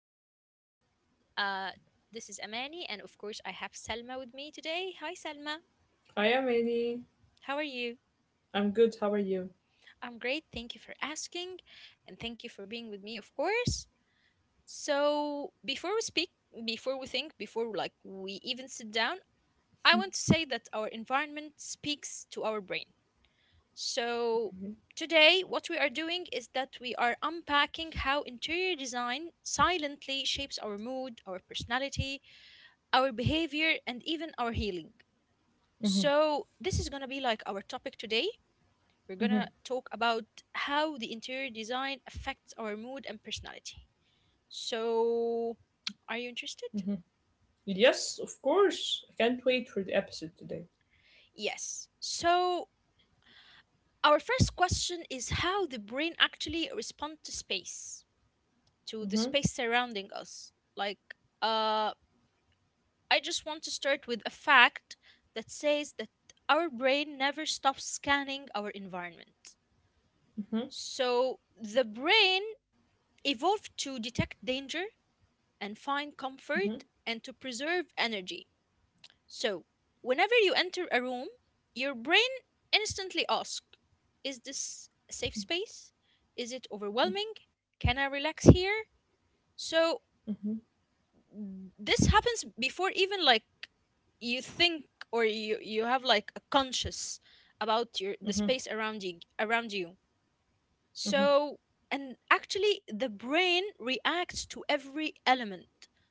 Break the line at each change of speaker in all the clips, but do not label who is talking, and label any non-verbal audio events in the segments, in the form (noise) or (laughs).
our podcast. Uh, this is Amani, and of course, I have Selma with me today. Hi, Selma.
I am
How are
Annie.
you?
I'm good. How are
I'm
you?
great. Thank you for asking, and thank you for being with me, of course. So, before we speak, before we think, before like we even sit down, I want to say that our environment speaks to our brain. So, today, what we are doing is that we are unpacking how interior design silently shapes our mood, our personality, our behavior, and even our healing. So, this is going to be like our topic today. We're going to talk
Mm-hmm.
about how the interior design affects our mood and personality. So, are you interested?
Yes, of course. I can't wait for the episode today.
Yes. So, our first question is how the brain actually responds to space. To the space
Mm-hmm.
surrounding us. Like, uh, I just want to start with a fact that says that our brain never stops scanning our environment.
Mm-hmm.
So, the brain evolved to detect danger and find comfort and to preserve energy. So, whenever you enter a room, your brain instantly asks, is this a safe space? Is it overwhelming? Can I relax here? So,
Mm-hmm.
this happens before even like you think or you have like a conscious about your the space
Mm-hmm.
around you around you,
Mm-hmm.
so and actually the brain reacts to every element,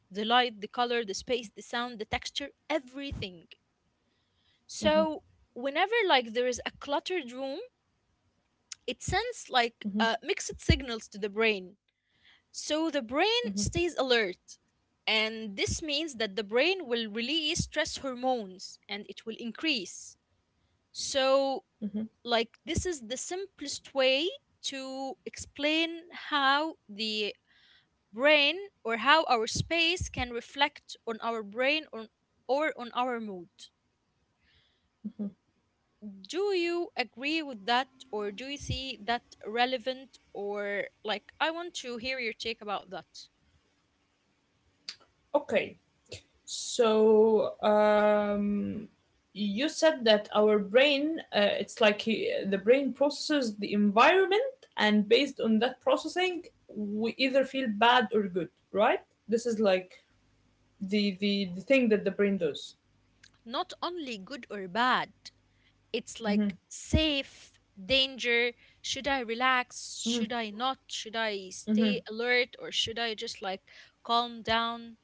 the light, the color, the space, the sound, the texture, everything.
Mm-hmm.
So whenever like there is a cluttered room, it sends like
Mm-hmm.
mixed signals to the brain. So the
Mm-hmm.
brain stays alert, and this means that the brain will release stress hormones and it will increase. So,
Mm-hmm.
like, this is the simplest way to explain how the brain or how our space can reflect on our brain, or on our mood. Do you agree with that, or do you see that relevant? Or, like, I want to hear your take about that.
Okay, so you said that our brain, it's like the brain processes the environment, and based on that processing, we either feel bad or good, right? This is like the thing that the brain does.
Not only good or bad. It's
Mm-hmm.
like safe, danger. Should I relax?
Mm-hmm.
Should I not? Should I stay
Mm-hmm.
alert or should I just like calm down?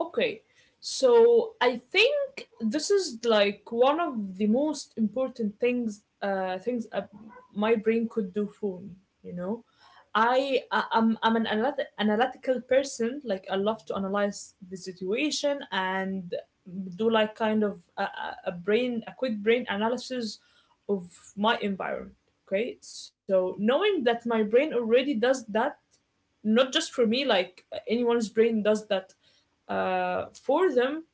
Okay, so I think this is like one of the most important things my brain could do for me. You know, I'm an analytical person. Like I love to analyze the situation and do like kind of a quick brain analysis of my environment. Okay, so knowing that my brain already does that not just for me, like anyone's brain does that for them,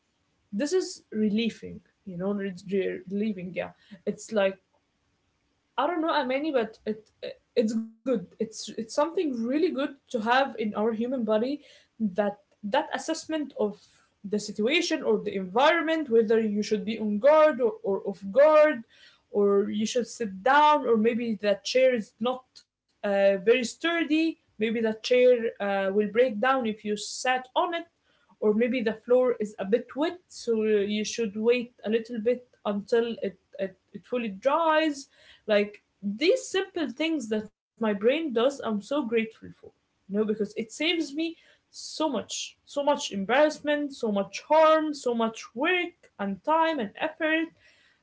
this is relieving, you know, relieving. Yeah, it's like I don't know how many, but it's good. It's something really good to have in our human body, that that assessment of the situation or the environment, whether you should be on guard, or off guard, or you should sit down, or maybe that chair is not very sturdy. Maybe that chair will break down if you sat on it, or maybe the floor is a bit wet so you should wait a little bit until it fully dries. Like, these simple things that my brain does, I'm so grateful for, you know, because it saves me so much, so much embarrassment, so much harm, so much work and time and effort.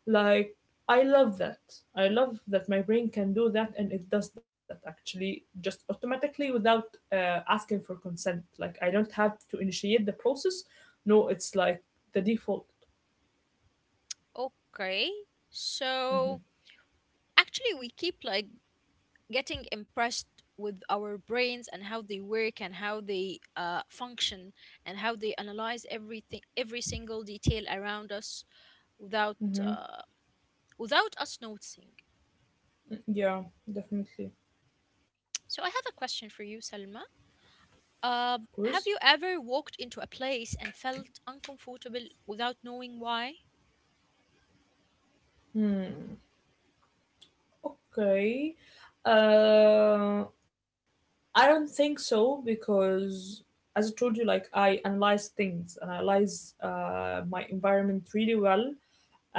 Like, I love that. I love that my brain can do that, and it does that actually just automatically without asking for consent. Like, I don't have to initiate the process. No, it's like the default.
Okay. So actually, we keep like getting impressed with our brains and how they work and how they function and how they analyze everything, every single detail around us without
hmm
without us noticing.
Yeah, definitely.
So I have a question for you, Salma.
Of
Uh,
course.
have you ever walked into a place and felt uncomfortable without knowing why?
Okay. Uh, I don't think so because, as I told you, like I analyze things and analyze my environment really well.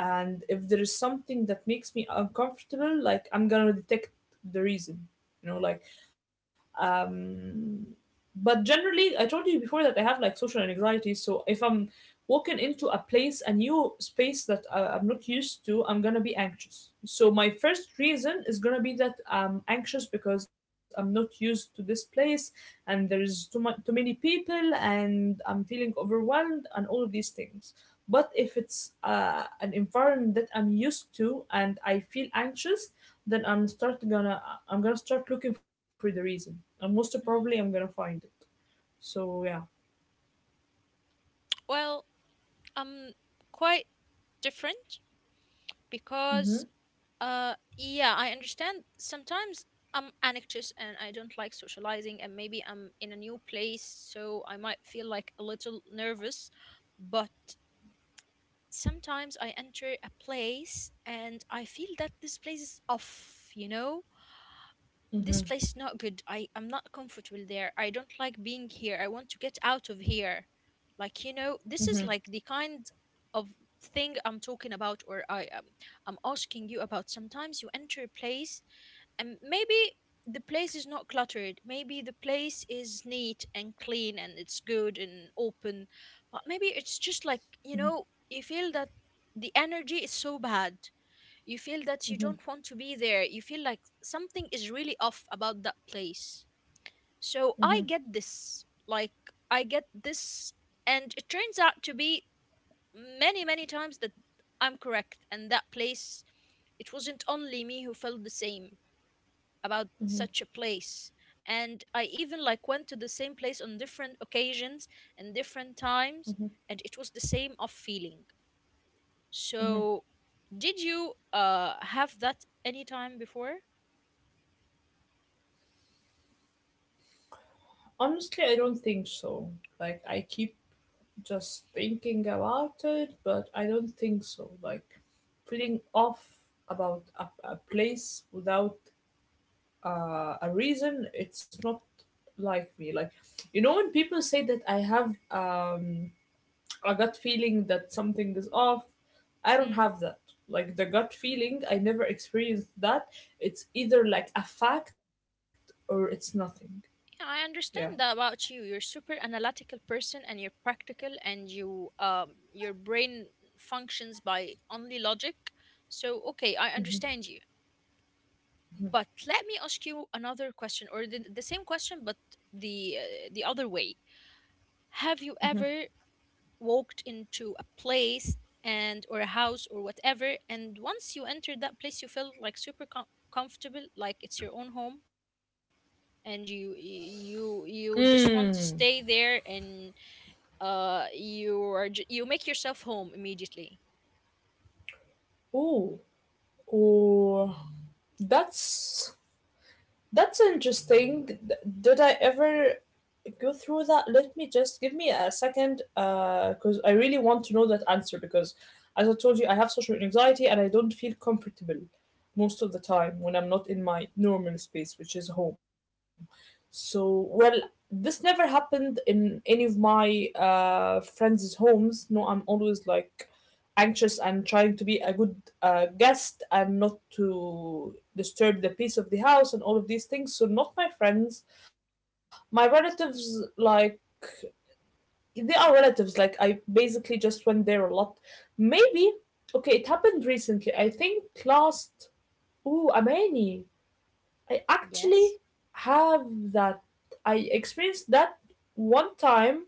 And if there is something that makes me uncomfortable, like I'm gonna detect the reason. You know, like, um but generally, I told you before that I have like social anxiety, so if I'm walking into a place, a new space that I'm not used to, I'm gonna be anxious, so my first reason is gonna be that I'm anxious because I'm not used to this place and there's too many people and I'm feeling overwhelmed and all of these things. But if it's an environment that I'm used to and I feel anxious, then I'm gonna start looking for the reason, and most probably I'm gonna
Mm,
find it. So yeah.
well, I'm quite different
Mhm.
because, yeah, I understand sometimes I'm anxious and I don't like socializing, and maybe I'm in a new place, so I might feel like a little nervous, but sometimes I enter a place and I feel that this place is off, you know? This
Mhm.
place is not good. I am not comfortable there. I don't like being here. I want to get out of here. Like you know, this is
Mhm.
like the kind of thing I'm talking about, or I I'm asking you about. Sometimes you enter a place, and maybe the place is not cluttered. Maybe the place is neat and clean, and it's good and open. But maybe it's just like you
Mhm.
know, you feel that the energy is so bad, you feel that you
Mhm.
don't want to be there. You feel like something is really off about that place. So I
Mhm.
get this. Like, I get this. And it turns out to be many, many times that I'm correct. And that place, it wasn't only me who felt the same about
Mhm.
such a place. And I even like went to the same place on different occasions and different times,
Mhm.
and it was the same off feeling.
Mhm.
So, did you have that any time before?
Honestly, I don't think so. Like, I keep just thinking about it, but I don't think so. Like, feeling off about a place without a reason, it's not like me. Like, you know, when people say that I have, um a gut feeling that something is off, I don't
Mm,
have that. Like, the gut feeling, I never experienced that. It's either like a fact or it's nothing.
yeah,
Yeah.
I understand that about you. You're super analytical person and you're practical and you your brain functions by only logic. So okay, I understand you. But let me ask you another question or the same question but the other way. Have you ever walked into a place and or a house or whatever and once you enter that place you feel like super com- comfortable like it's your own home and you just
Mm.
want to stay there and you are ju- you make yourself home immediately.
Oh, oh, that's that's interesting. Did I ever go through that? Let me just give me a second, because I really want to know that answer. Because, as I told you, I have social anxiety and I don't feel comfortable most of the time when I'm not in my normal space, which is home. So, well, this never happened in any of my friends' homes. No, I'm always like anxious and trying to be a good guest and not to disturb the peace of the house and all of these things. So not my friends, my relatives. Like, they are relatives. Like, I basically just went there a lot. Maybe, okay, it happened recently. I think last. Ooh, Amani, I actually
Yes.
have that. I experienced that one time,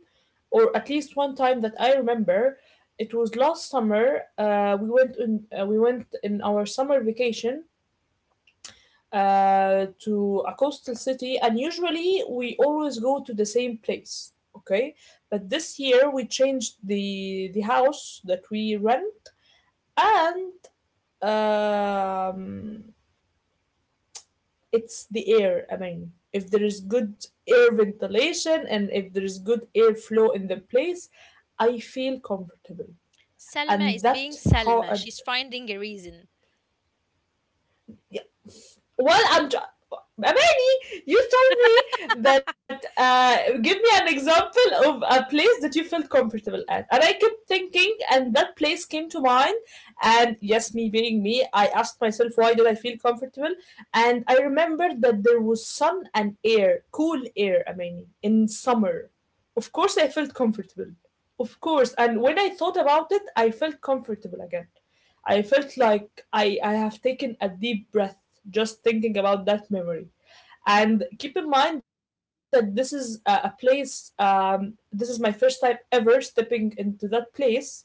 or at least one time that I remember. It was last summer. We went in our summer vacation to a coastal city, and usually we always go to the same place. Okay, but this year we changed the house that we rent, and um, it's the air. I mean, if there is good air ventilation and if there is good airflow in the place, I feel comfortable.
Salma
And
is being
that how.
Salma. She's finding a reason.
Well, I'm. tr- Amani, you told me that. Give me an example of a place that you felt comfortable at, and I kept thinking, and that place came to mind. And yes, me being me, I asked myself why did I feel comfortable, and I remembered that there was sun and air, cool air, Amani, in summer. Of course, I felt comfortable. Of course, and when I thought about it, I felt comfortable again. I felt like I have taken a deep breath just thinking about that memory. And keep in mind that this is a place, this is my first time ever stepping into that place.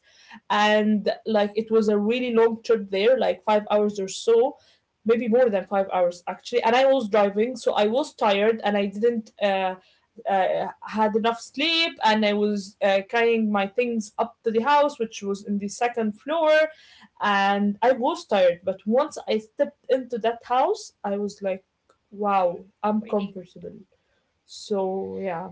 And like, it was a really long trip there, like 5 hours or so, maybe more than 5 hours actually. And I was driving, so I was tired and I didn't had enough sleep. And I was carrying my things up to the house, which was in the second floor, and I was tired. But once I stepped into that house, I was like, "Wow, I'm
Really?
comfortable." So yeah,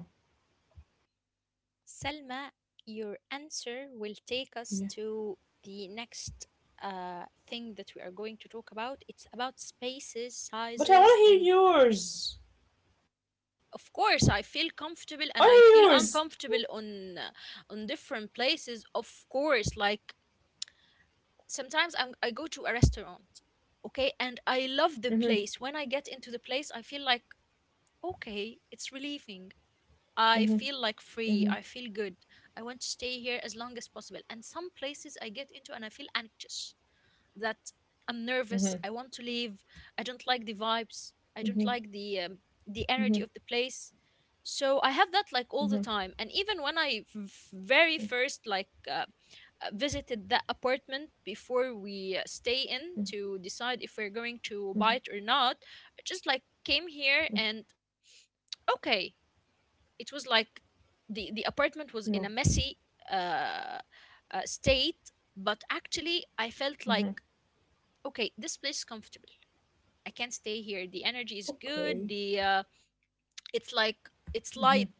Selma, your answer will take us
yeah.
to the next thing that we are going to talk about. It's about spaces,
But I
sizes,
want
and
to hear yours.
of course, I feel comfortable
I
and
want
I
to
feel
hear yours.
uncomfortable on different places. Of course, like sometimes I go to a restaurant, okay, and I love the place.
Mm-hmm,
When I get into the place, I feel like okay, it's relieving. I
mm-hmm,
feel like free.
mm-hmm,
I feel good. I want to stay here as long as possible. And some places I get into and I feel anxious that I'm nervous. I want to leave. I don't like the vibes. I
mm-hmm,
don't
mm-hmm,
like the
mm-hmm,
energy of the place. So I have that like all the
mm-hmm,
time. And even when I f- very first like visited that apartment before we stay in
mm-hmm,
to decide if we're going to
mm-hmm,
buy it or not, I just like came here and okay it was like the
mm-hmm.
apartment was in a messy uh, state, but actually I felt
Mm-hmm.
like okay this place is comfortable. I can stay here, the energy is good,
Okay.
the it's
Mhm.
like it's light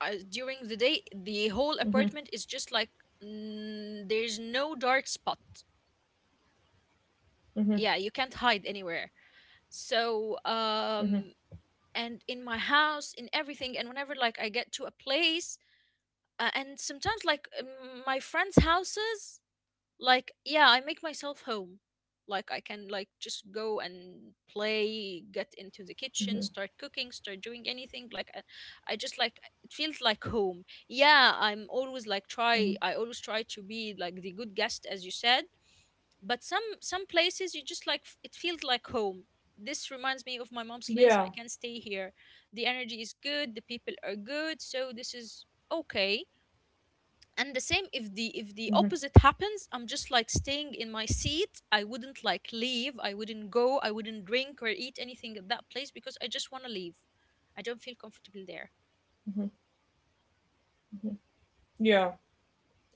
during the day, the
Mhm.
whole apartment is just like mm, there's no dark spot,
Mhm.
yeah you can't hide anywhere, so
Mhm.
and in my house in everything. And whenever like I get to a place, and sometimes like my friends houses, like yeah I make myself home. Like I can like just go and play, get into the kitchen,
Mhm.
start cooking, start doing anything. I just like it feels like home. Yeah I'm always like try
Mhm.
I always try to be like the good guest as you said, but some places you just like f- it feels like home. This reminds me of my mom's place, I
Yeah.
can stay here, the energy is good, the people are good, so this is okay. And the same if the
Mhm.
opposite happens, I'm just like staying in my seat, I wouldn't like leave, I wouldn't go, I wouldn't drink or eat anything at that place because I just want to leave. I don't feel comfortable there.
Mhm. Mhm. Yeah,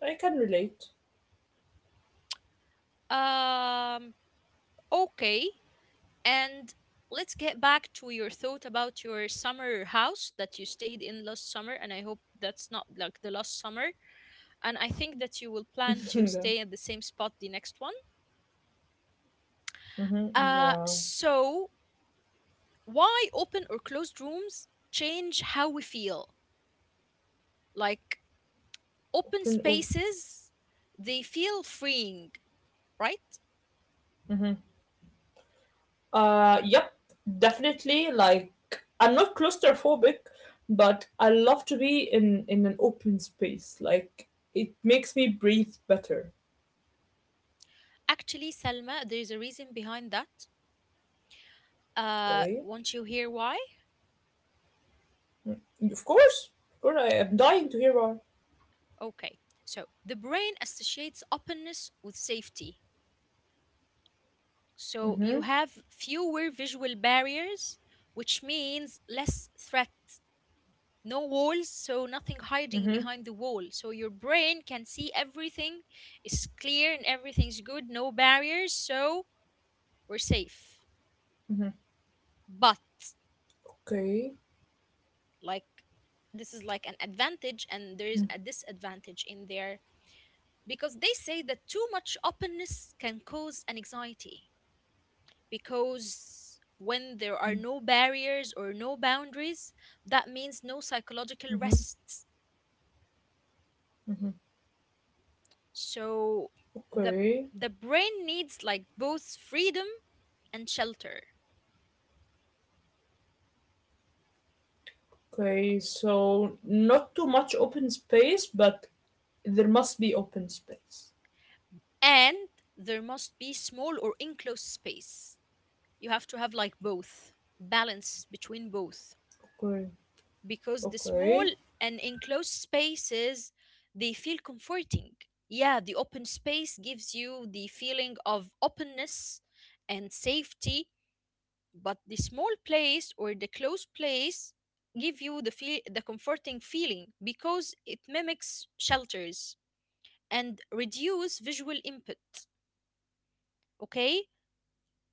I can relate.
um okay, and let's get back to your thought about your summer house that you stayed in last summer, and I hope that's not like the last summer, and I think that you will plan
(laughs)
to
Yeah.
stay at the same spot the next one.
Mhm. Yeah.
So why open or closed rooms change how we feel, like open
Open or.
spaces they feel freeing, right?
Mhm. Yep. Definitely. Like, I'm not claustrophobic, but I love to be in an open space. Like, it makes me breathe better.
Actually Salma, there's a reason behind that.
Okay.
Want you hear why?
Of course. Of course. I am dying to hear why.
Okay, so the brain associates openness with safety. So you
Mhm.
have fewer visual barriers, which means less threat. No walls, so nothing hiding
Mhm.
behind the wall. So your brain can see everything is clear and everything's good, no barriers, so we're safe.
Mhm.
But
Okay.
like this is like an advantage and there is a disadvantage in there, because they say that too much openness can cause an anxiety, because when there are no barriers or no boundaries, that means no psychological
Mhm.
rest. So the
Okay.
the brain needs like both freedom and shelter.
Okay, so not too much open space, but there must be open space.
And there must be small or enclosed space. You have to have like both. Balance between both.
Okay,
Because the small
okay,
and enclosed spaces they feel comforting. Yeah, the open space gives you the feeling of openness and safety, but the small place or the close place give you the feel the comforting feeling because it mimics shelters and reduce visual input. Okay,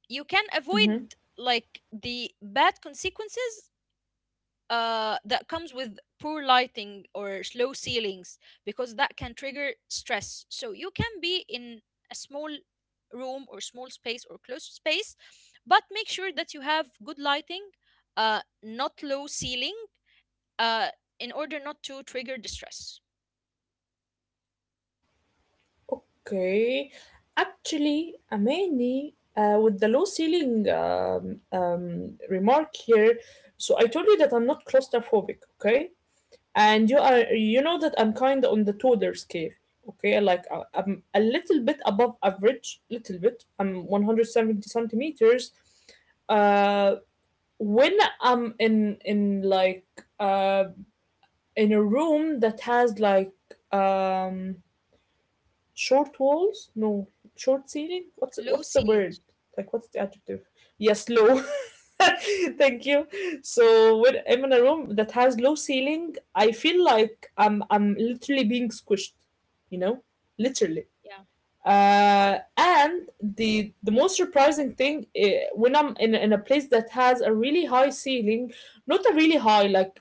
you can
mm-hmm.
avoid like the bad consequences that comes with poor lighting or slow ceilings, because that can trigger stress. So you can be in a small room or small space or closed space, but make sure that you have good lighting, not low ceiling, uh, in order not to trigger distress.
Okay. Actually, Amani, with the low ceiling remark here, so I told you that I'm not claustrophobic, okay? And you are, you know that I'm kind of on the toddler scale, okay? Like I'm a little bit above average, little bit. I'm 170 centimeters. Uh, when I'm in like uh in a room that has like um short walls, no, short ceiling.
Low
What's the word?
ceilings.
Like, what's the adjective? Yes, low. (laughs) Thank you. So when I'm in a room that has low ceiling, I feel like I'm literally being squished, you know? Literally.
Yeah.
And the most surprising thing, eh, when I'm in a place that has a really high ceiling, not a really high like,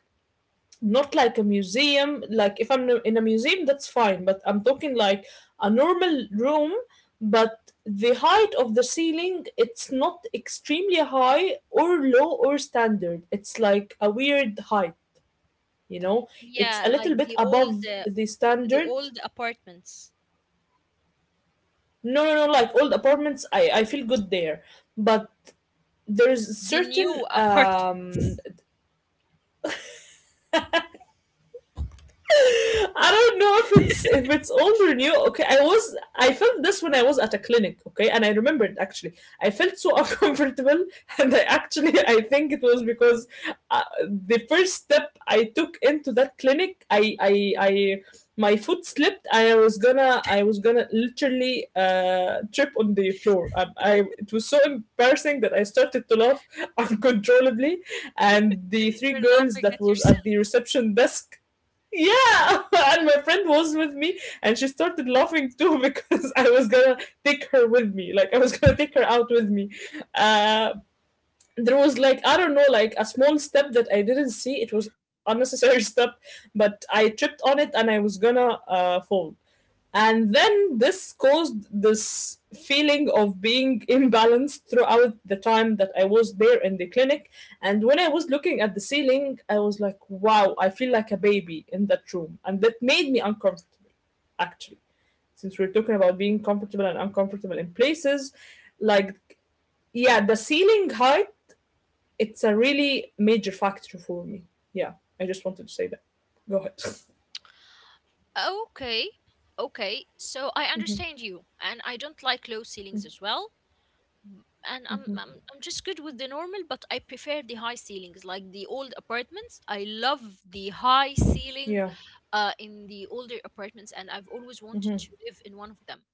not like a museum. Like if I'm in a museum, that's fine. But I'm talking like a normal room, but the height of the ceiling, it's not extremely high or low or standard. It's like a weird height. You know, it's a
Yeah, like
little bit above the
the
standard.
old apartments,
No, no, no. Like old apartments, I feel good there, but there's
the
certain
new (laughs) apart.
um. I don't know if it's old or new. Okay, I felt this when I was at a clinic. Okay, and I remember it actually. I felt so (laughs) uncomfortable, and I actually I think it was because the first step I took into that clinic, I my foot slipped. I was gonna literally trip on the floor. I, it was so embarrassing that I started to laugh (laughs) uncontrollably, and the three
You're
girls
laughing
that
at
was
yourself.
at the
(laughs)
reception desk, yeah, (laughs) and my friend was with me and she started laughing too, (laughs) because I was gonna take her with me, like I was gonna take her out with me. Uh, there was like, I don't know, like a small step that I didn't see, it was unnecessary (laughs) step, but I tripped on it and I was gonna fall, and then this caused this feeling of being (laughs) imbalanced throughout the time that I was there in the clinic. And when I was looking at the ceiling, I was like, wow, I feel like a baby in that room. And that made me uncomfortable, actually. Since we're talking about being comfortable and uncomfortable in places, like, yeah, the ceiling height, it's a really major factor for me. Yeah, I just wanted to say that. Go ahead.
Okay. Okay. So I understand you, and I don't like low ceilings as well. Mm. And I'm just good with the normal, but I prefer the high ceilings, like the old apartments. I love the high
Yeah,
ceiling, in the older apartments, and I've always wanted
hmm,
to live in one of them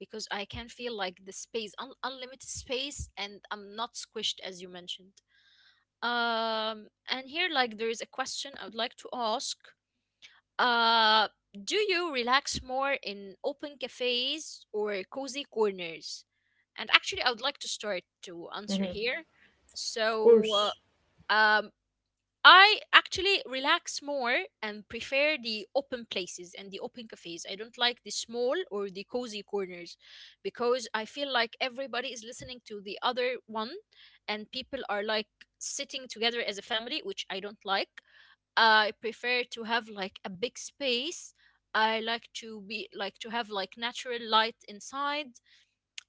because I can feel like the space, un unlimited space, and I'm not squished as you mentioned. Um, and here, like, there is a question I would like to ask. Uh, do you relax more in open cafes or cozy corners? And actually, I would like to start to answer
hmm,
here.
of
So,
course.
uh, um, I actually relax more and prefer the open places and the open cafes. I don't like the small or the cozy corners because I feel like everybody is listening to the other one and people are like sitting together as a family, which I don't like. I prefer to have like a big space. I like to be like to have like natural light inside.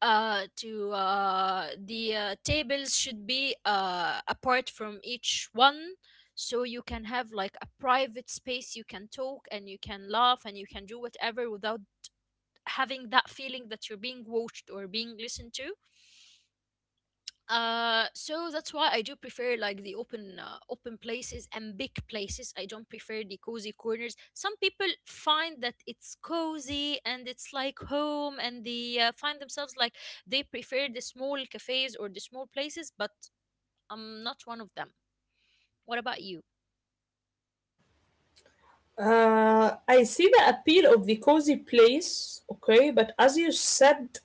To the tables should be apart from each one, so you can have like a private space. You can talk and you can laugh and you can do whatever without having that feeling that you're being watched or being listened to. So that's why I do prefer like the open places and big places. I don't prefer the cozy corners. Some people find that it's cozy and it's like home, and they find themselves like they prefer the small cafes or the small places. But I'm not one of them. What about you?
I see the appeal of the cozy place, okay, but as you said,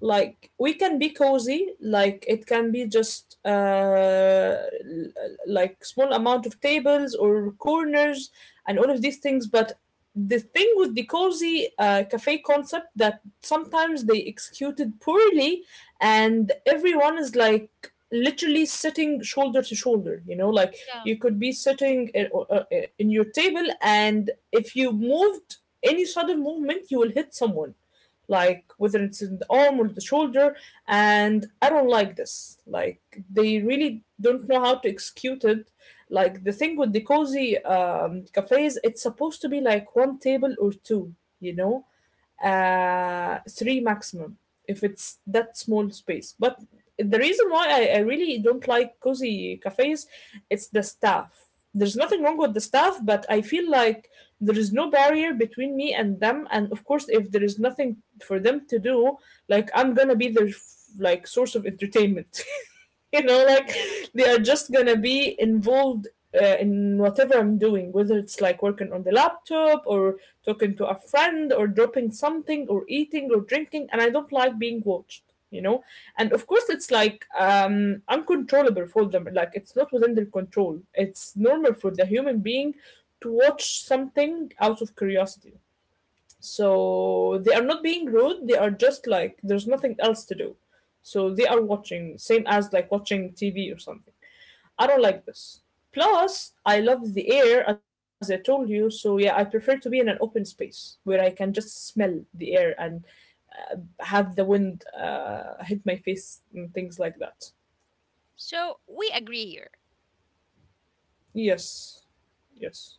like we can be cozy, like it can be just like small amount of tables or corners and all of these things. But the thing with the cozy cafe concept, that sometimes they executed poorly and everyone is like literally sitting shoulder to shoulder, you know, like
Yeah,
you could be sitting in your table, and if you moved any sudden movement you will hit someone, like whether it's in the arm or the shoulder. And I don't like this, like they really don't know how to execute it. Like the thing with the cozy cafes, it's supposed to be like one table or two, you know, three maximum, if it's that small space. But the reason why I really don't like cozy cafes, it's the staff. There's nothing wrong with the staff, but I feel like there is no barrier between me and them. And of course, if there is nothing for them to do, I'm gonna be their like source of entertainment. (laughs) You know, like
yeah.
they are just gonna be involved in whatever I'm doing, whether it's like working on the laptop or talking to a friend or dropping something or eating or drinking. And I don't like being watched, you know. And of course it's like uncontrollable for them, like it's not within their control. It's normal for the human being to watch something out of curiosity, so they are not being rude, they are just like there's nothing else to do. So they are watching, same as like watching TV or something. I don't like this. Plus, I love the air, as I told you, so yeah, I prefer to be in an open space where I can just smell the air and have the wind hit my face and things like that.
So we agree here.
Yes, yes.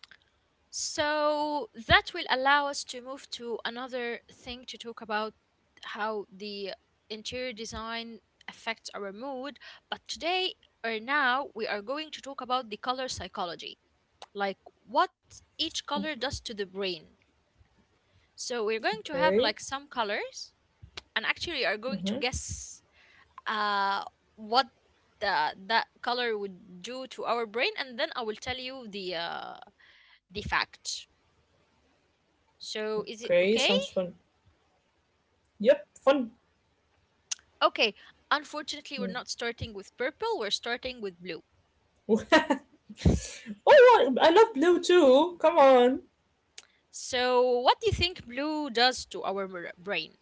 So that will allow us to move to another thing to talk about how the interior design affects our mood. But today or now, we are going to talk about the color psychology, like what each color does to the brain. So we're going to have
Okay.
like some colors, and actually are going to
Mm-hmm.
guess uh, what that color would do to our brain, and then I will tell you the fact. So is it
Okay, sounds
okay?
fun. Yep, fun.
Okay, unfortunately, we're
Mm.
not starting with purple, we're starting with blue.
(laughs) Oh, I love blue too. Come on.
So, what do you think blue does to our brain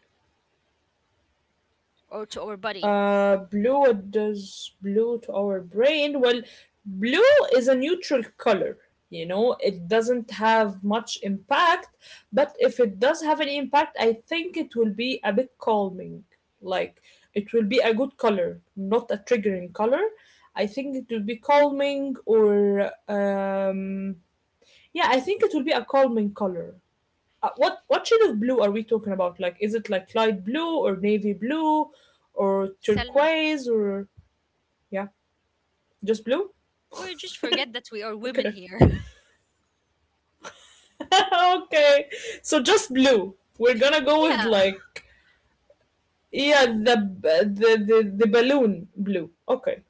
or to our body?
Blue, what does blue to our brain? Well, blue is a neutral color. You know, it doesn't have much impact, but if it does have any impact, I think it will be a bit calming. Like, it will be a good color, not a triggering color. I think it will be calming or, yeah, I think it will be a calming color. What shade of blue are we talking about? Like, is it like light blue or navy blue or
Selma,
turquoise or yeah, just blue?
we just forget that we are women
Okay.
here. (laughs)
(laughs) Okay. So just blue. We're gonna go with
Yeah.
like yeah, the balloon blue. Okay.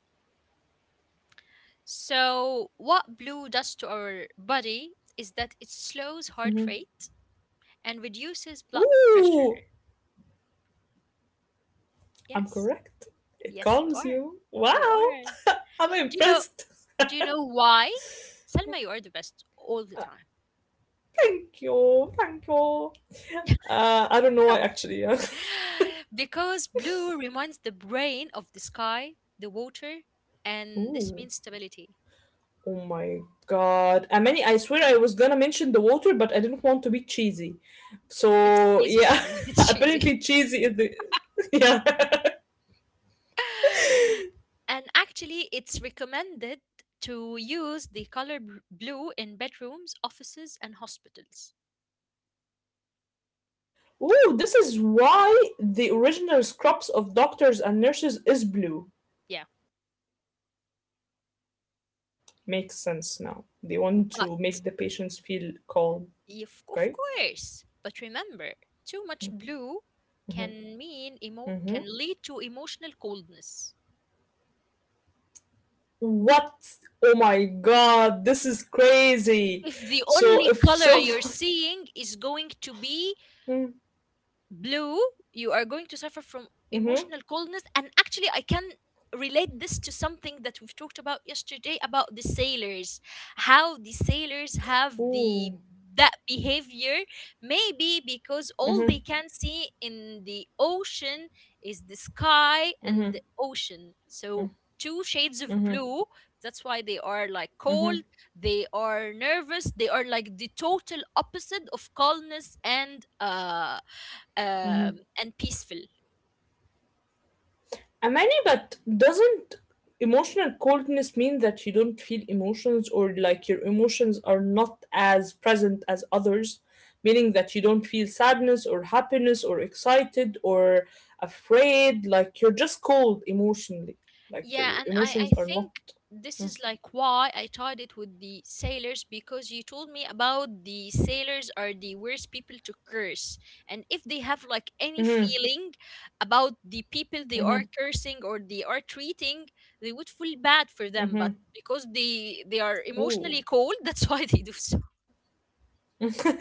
So, what blue does to our body is that it slows heart
Hmm.
rate and reduces blood pressure.
Ooh, I'm
Yes.
correct. It
Yes, you
calms
are.
you.
You
Wow.
are.
(laughs) I'm
Do you know
impressed. (laughs)
do you know why? Selma, you are the best all the time.
Thank you. Thank you. I don't know why actually. Yeah.
(laughs) Because blue reminds the brain of the sky, the water,
(laughs)
and this
Ooh.
means stability.
Oh my god. I mean, I swear I was gonna mention the water, but I didn't want to be cheesy.
It's
So,
cheesy,
yeah,
Salma. (laughs) It's
(laughs)
cheesy.
apparently cheesy is the. (laughs) Yeah.
And actually, it's recommended to use the color blue in bedrooms, offices, and hospitals.
Ooh, this is why the original scrubs of doctors and nurses is blue.
Yeah,
Makes sense now. They want
but
to make the patients feel calm.
if, of
Okay.
course, but remember, too much blue can
Mm-hmm.
can lead to emotional coldness
What? Oh my god, this is crazy.
if the
So
only
if
color you're
someone. (laughs)
seeing is going to be
Mm-hmm.
blue, you are going to suffer from emotional coldness. And actually, I can relate this to something that we've talked about yesterday about the sailors, how the sailors have the
Ooh.
that behavior, maybe because all they
Mm-hmm.
can see in the ocean is the sky and
Mm-hmm.
the ocean. So two shades of
Mm-hmm. Mm-hmm.
blue, that's why they are like
Mm-hmm.
cold, they are nervous, they are like the total opposite of calmness um and peaceful.
Amani, but doesn't emotional coldness mean that you don't feel emotions, or like your emotions are not as present as others? Meaning that you don't feel sadness or happiness or excited or afraid, like you're just cold emotionally. Like
Yeah,
your
and I
emotions are not.
think this is like why I tied it with the sailors, because you told me about the sailors are the worst people to curse, and if they have like any
Mm-hmm,
feeling about the people they are
mm-hmm,
cursing or they are treating, they would feel bad for them,
mm-hmm.
but because they are
Ooh.
emotionally cold, (laughs) that's why they do so.
(laughs)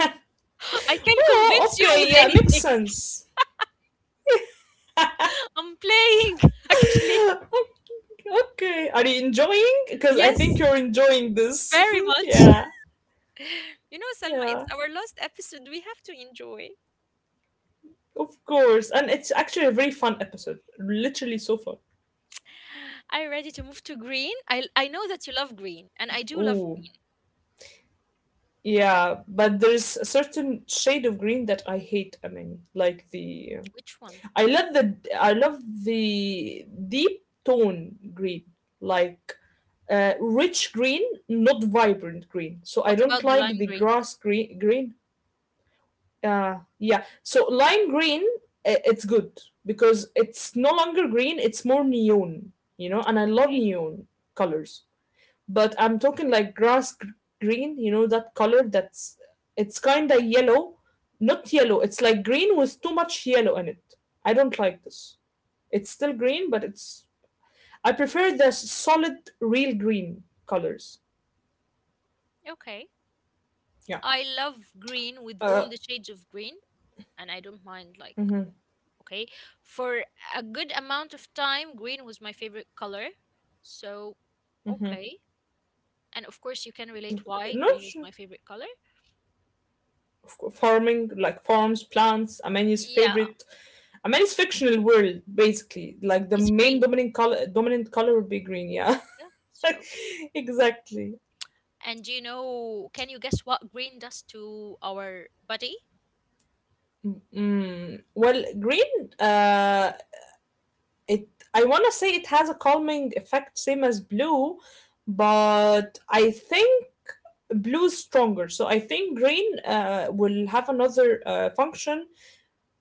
I can
Oh,
convince you
okay, yeah,
with
makes
anything. (laughs)
sense.
I'm playing, (laughs) actually.
Okay. Are you enjoying? Because I think
Yes,
you're enjoying this.
very
(laughs)
much.
Yeah.
You know, Salma,
Yeah.
it's our last episode. We have to enjoy.
Of course. And it's actually a very fun episode. Literally so fun.
Are you ready to move to green? I know that you love green, and I do love
Ooh.
green.
Yeah, but there's a certain shade of green that I hate, I mean, like the
Which one?
I love the I love the deep tone green, like rich green, not vibrant green. So I
What
don't
about the
like
lime
the
green?
grass green, green. Yeah. So lime green, it's good because it's no longer green, it's more neon, you know, and I love
Okay.
neon colors. But I'm talking like green, you know, that color that's it's kind of yellow, not yellow, it's like green with too much yellow in it. I don't like this. It's still green, but it's I prefer the solid real green colors.
Okay.
Yeah.
I love green with
Uh,
all the shades of green, and I don't mind, like.
mhm.
Okay. For a good amount of time, green was my favorite color. So, okay. And of course, you can relate why
No,
green is
sure.
my favorite color.
Farming, like farms, plants, Amani's
Yeah,
favorite. Amani's fictional world, basically. Like the
it's
main
green.
dominant color would be green. Yeah,
Yeah. So,
(laughs) exactly.
and do you know, can you guess what green does to our body?
Mm. Well, green. It. I want to say it has a calming effect, same as blue, but I think blue is stronger. So I think green will have another function.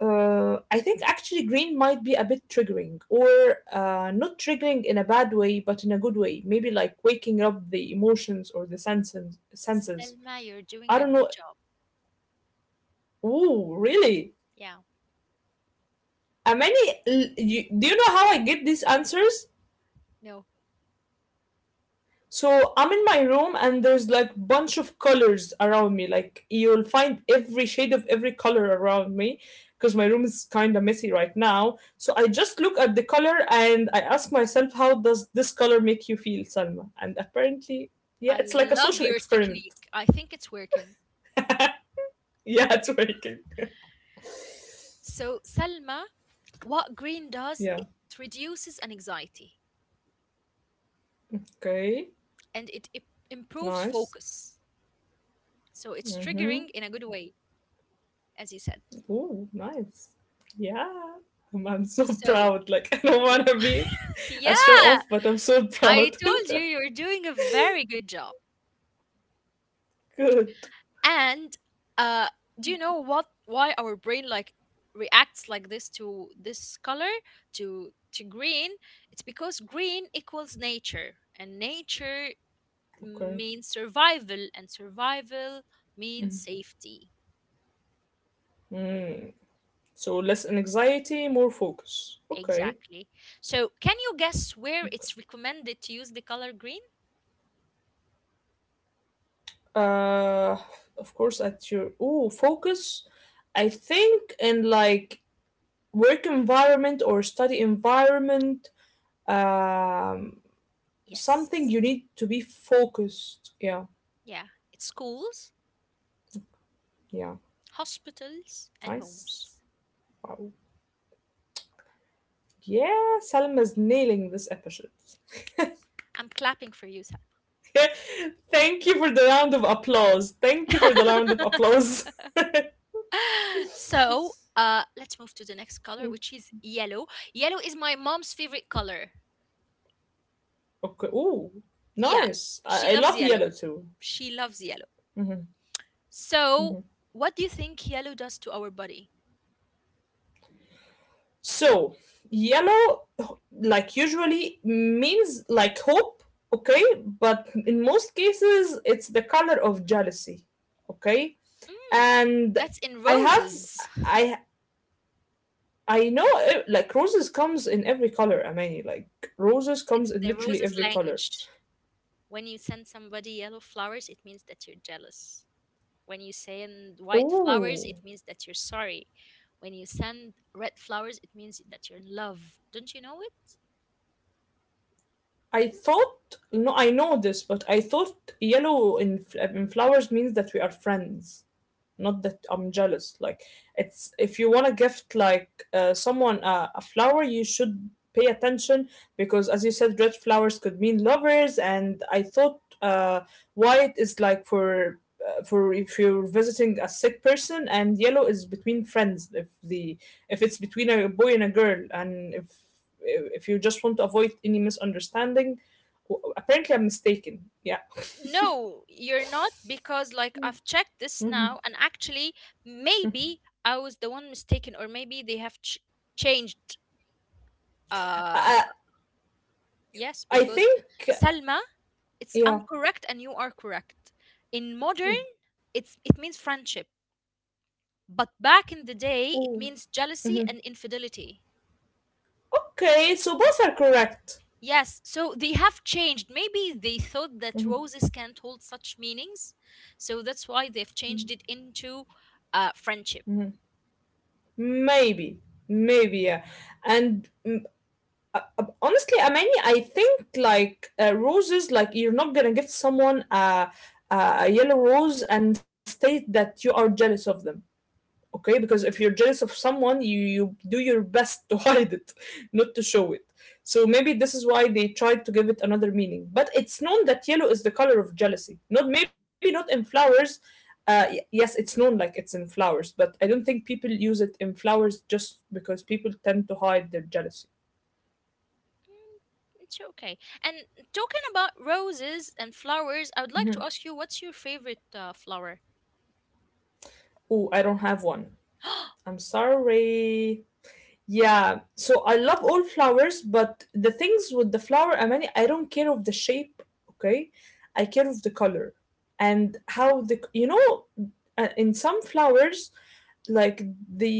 I think actually green might be a bit triggering, or not triggering in a bad way, but in a good way. Maybe like waking up the emotions or the senses. Senses.
Selma, you're
I
doing a
don't know.
good job.
Ooh, really?
Yeah.
Amani, you, do you know how I get these answers?
No,
So I'm in my room and there's like bunch of colors around me. Like you'll find every shade of every color around me because my room is kind of messy right now. So I just look at the color and I ask myself, how does this color make you feel, Salma? And apparently, yeah,
I
it's like a
love
social
your
experiment. (laughs)
technique. I think it's working.
Yeah, it's working. (laughs)
So, Selma, what green does,
Yeah.
it reduces anxiety
Okay.
and it improves
Nice.
focus. So, it's
Mm-hmm.
triggering in a good way, as you said.
Ooh, nice. Yeah. (laughs) I'm so
So,
proud. Like (laughs) I don't want
w-
to be
(laughs)
a show
yeah,
off, but I'm so
I
proud. (laughs)
told you you're doing a very good job.
Good.
And uh, do you know what? Why our brain like reacts like this to this color to green? It's because green equals nature, and nature
Okay.
means survival, and survival means safety.
Mm. So less anxiety, more focus. Okay.
Exactly. So, can you guess where it's recommended to use the color green?
Uh, of course, at your ooh focus, I think in like work environment or study environment, um, something
Yes.
you need to be focused. Yeah.
Yeah, it's schools,
Yeah.
hospitals, and homes.
Nice. Wow. Yeah, Salma's nailing this episode. (laughs)
I'm clapping for you.
Thank you for the round of applause. Thank you for the round of
(laughs)
applause.
so
(laughs)
uh let's move to the next color,
Mm,
which is yellow. Yellow is my mom's favorite color.
okay. Ooh,
Yeah,
nice.
she
I
loves
love
yellow.
yellow too.
She loves yellow.
Mhm, mhm.
So, what do you think yellow does to our body?
So, yellow, like usually, means like hope, okay? But in most cases, it's the color of jealousy, okay?
Mm,
And
that's in
I have,
roses.
I, I know, eh, like roses comes in every color. I mean, like roses
It's
comes in
the
literally
roses
every color.
language. When you send somebody yellow flowers, it means that you're jealous. When you send white flowers, it
Ooh.
means that you're sorry. When you send red flowers, it means that you're in love. Don't you know it?
I thought no, I know this, but I thought yellow in, in flowers means that we are friends, not that I'm jealous. Like it's if you want to gift like someone a flower you should pay attention, because as you said red flowers could mean lovers, and I thought white is like for if you're visiting a sick person, and yellow is between friends, if the if it's between a boy and a girl, and if you just want to avoid any misunderstanding. Apparently I'm mistaken, yeah.
No, you're not, because like I've checked this
Mhm.
now, and actually maybe I was the one mistaken, or maybe they have changed. uh
uh,
yes,
I
because,
think
Salma, it's I'm
yeah.
correct and you are correct. In modern, it means friendship, but back in the day it
Ooh.
means jealousy and infidelity.
Okay, so both are correct.
Yes, so they have changed. Maybe they thought that roses can't hold such meanings, so that's why they've changed it into friendship.
Maybe, maybe, yeah. And mm, honestly, Amani, I think like roses, like you're not gonna give someone a a yellow rose and state that you are jealous of them. Okay, because if you're jealous of someone you do your best to (laughs) hide it, not to show it. So maybe this is why they tried to give it another meaning, but it's known that yellow is the color of jealousy, not maybe not in flowers. Uh, yes it's known, like it's in flowers, but I don't think people use it in flowers just because people tend to hide their jealousy.
Mm, it's okay. And talking about roses and flowers, I would like to ask you, what's your favorite flower?
Oh, I don't have one.
(gasps)
I'm sorry. Yeah, so I love all flowers, but the things with the flower, Amani, I don't care of the shape, okay? I care of the color and how the you know, in some flowers like the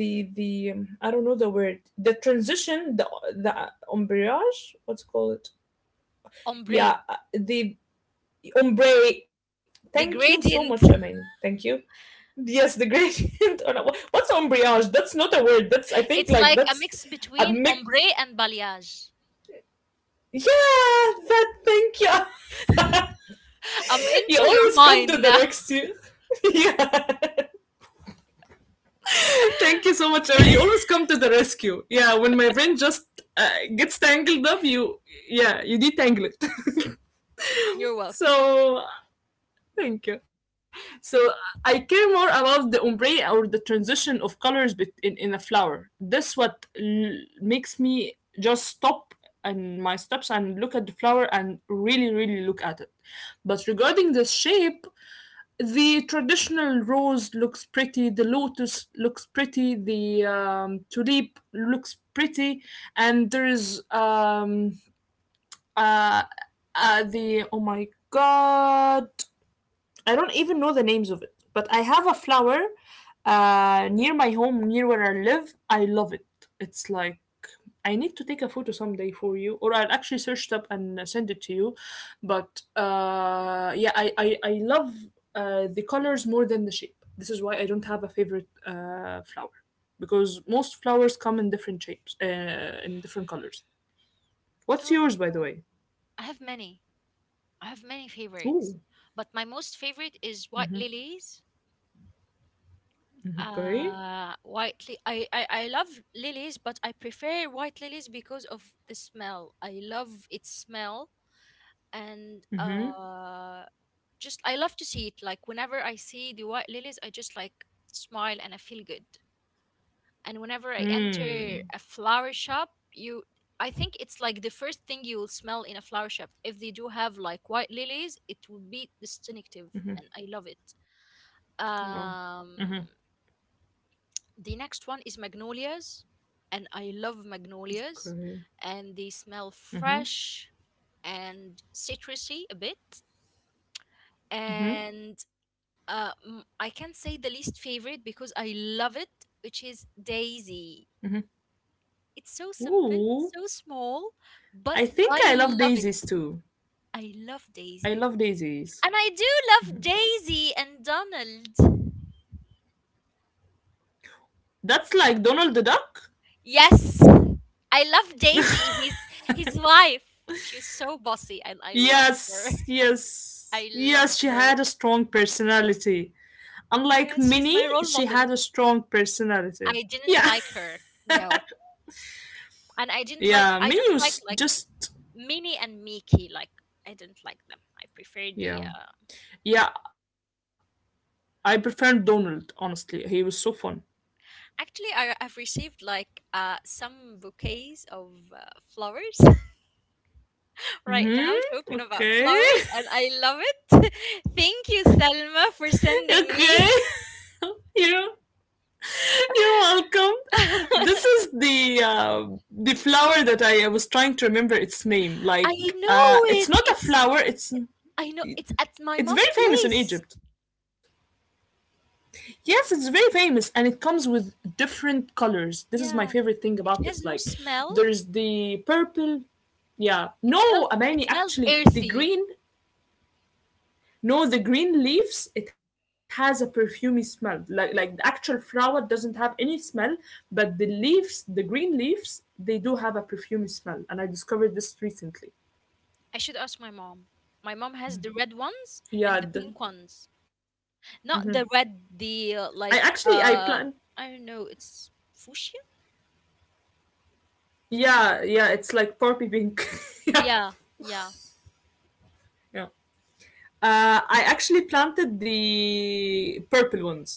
the I don't know the word, the transition, the ombrage, what's it called?
Ombre.
Yeah, the ombre, thank you
The
so much
gradient. (laughs)
Amani, thank you. Yes, the gradient. (laughs) Or not, what's ombrage, that's not a word, that's I think
It's
like
like a
that's
mix
a
between
mix.
ombre and balayage.
Yeah, that, thank you. (laughs)
(laughs) I'm
You
into your
always come to
mind
the
now.
rescue. (laughs) Yeah, thank you so much, Erin. You always
(laughs)
come to the rescue. Yeah, when my brain just uh, gets tangled up, you yeah, you detangle it.
You're
(laughs)
welcome.
So thank you. So I care more about the ombre or the transition of colors in a flower. This what makes me just stop and my steps and look at the flower and really really look at it. But regarding the shape, the traditional rose looks pretty, the lotus looks pretty, the tulip looks pretty, and there's uh, the oh my god, I don't even know the names of it, but I have a flower near my home, near where I live. I love it. It's like I need to take a photo someday for you, or I'll actually search it up and send it to you. But yeah, I love the colors more than the shape. This is why I don't have a favorite flower because most flowers come in different shapes, in different colors. What's
Oh,
yours, by the way?
I have many. I have many favorites,
Ooh,
but my most favorite is white lilies.
okay.
White. I love lilies, but I prefer white lilies because of the smell. I love its smell, and
Mm-hmm.
uh just I love to see it, like whenever I see the white lilies I just like smile and I feel good. And whenever I
Mm.
enter a flower shop, you I think it's like the first thing you will smell in a flower shop. If they do have like white lilies, it will be distinctive, and I love it.
Wow.
um the next one is magnolias, and I love magnolias,
Okay.
and they smell fresh and citrusy a bit. and I can't say the least favorite because I love it, which is Daisy. It's so simple,
Ooh,
so small, but
I think
I
I love
love
daisies
it.
too.
I love
I
Daisy.
love daisies.
And I do love Daisy and Donald.
That's like Donald the Duck?
Yes, I love Daisy, his wife. She's so bossy and I love her.
Yes,
(laughs)
yes,
I loved
yes, she
her.
had a strong personality. Unlike
Yes, she's
Minnie,
my role
she
model.
had a strong personality.
I didn't
Yeah,
like her. No. And
(laughs) yeah,
I
Minnie
don't like
was
like
just,
Minnie and Mickey, like I didn't like them. I prefer the.
yeah. Yeah, I prefer Donald, honestly. He was so fun.
Actually, I've received like some bouquets of flowers (laughs) right
Mm-hmm.
now. Talking about
Okay.
flowers, and I love it. (laughs) Thank you, Selma,
(laughs)
for
okay.
sending me.
(laughs) Yeah. You're welcome. This is
(laughs)
the flower that I was trying to remember its name. Like,
I
it's
know
not
it.
a flower. It's
It, I know it's at my
it's very
mom's
famous in
place.
Egypt. Yes, it's very famous, and it comes with different colors. This is my favorite thing
Yeah,
about it. Like,
it has no
there's
smell.
the purple. Yeah,
It
no,
smells.
Amani.
It smells
Actually, the
earthy.
green. No, the green leaves, it has a perfumey smell. Like the actual flower doesn't have any smell, but the leaves, the green leaves, they do have a perfumey smell. And I discovered this recently.
I should ask my mom. My mom has the red ones and
Yeah,
the
the,
pink ones.
mhm.
Not the red,
I
the
actually I
like
plan.
I don't know, it's fuchsia?
Yeah, yeah, it's like poppy pink. (laughs) yeah,
Yeah, yeah,
yeah. I actually planted the purple ones.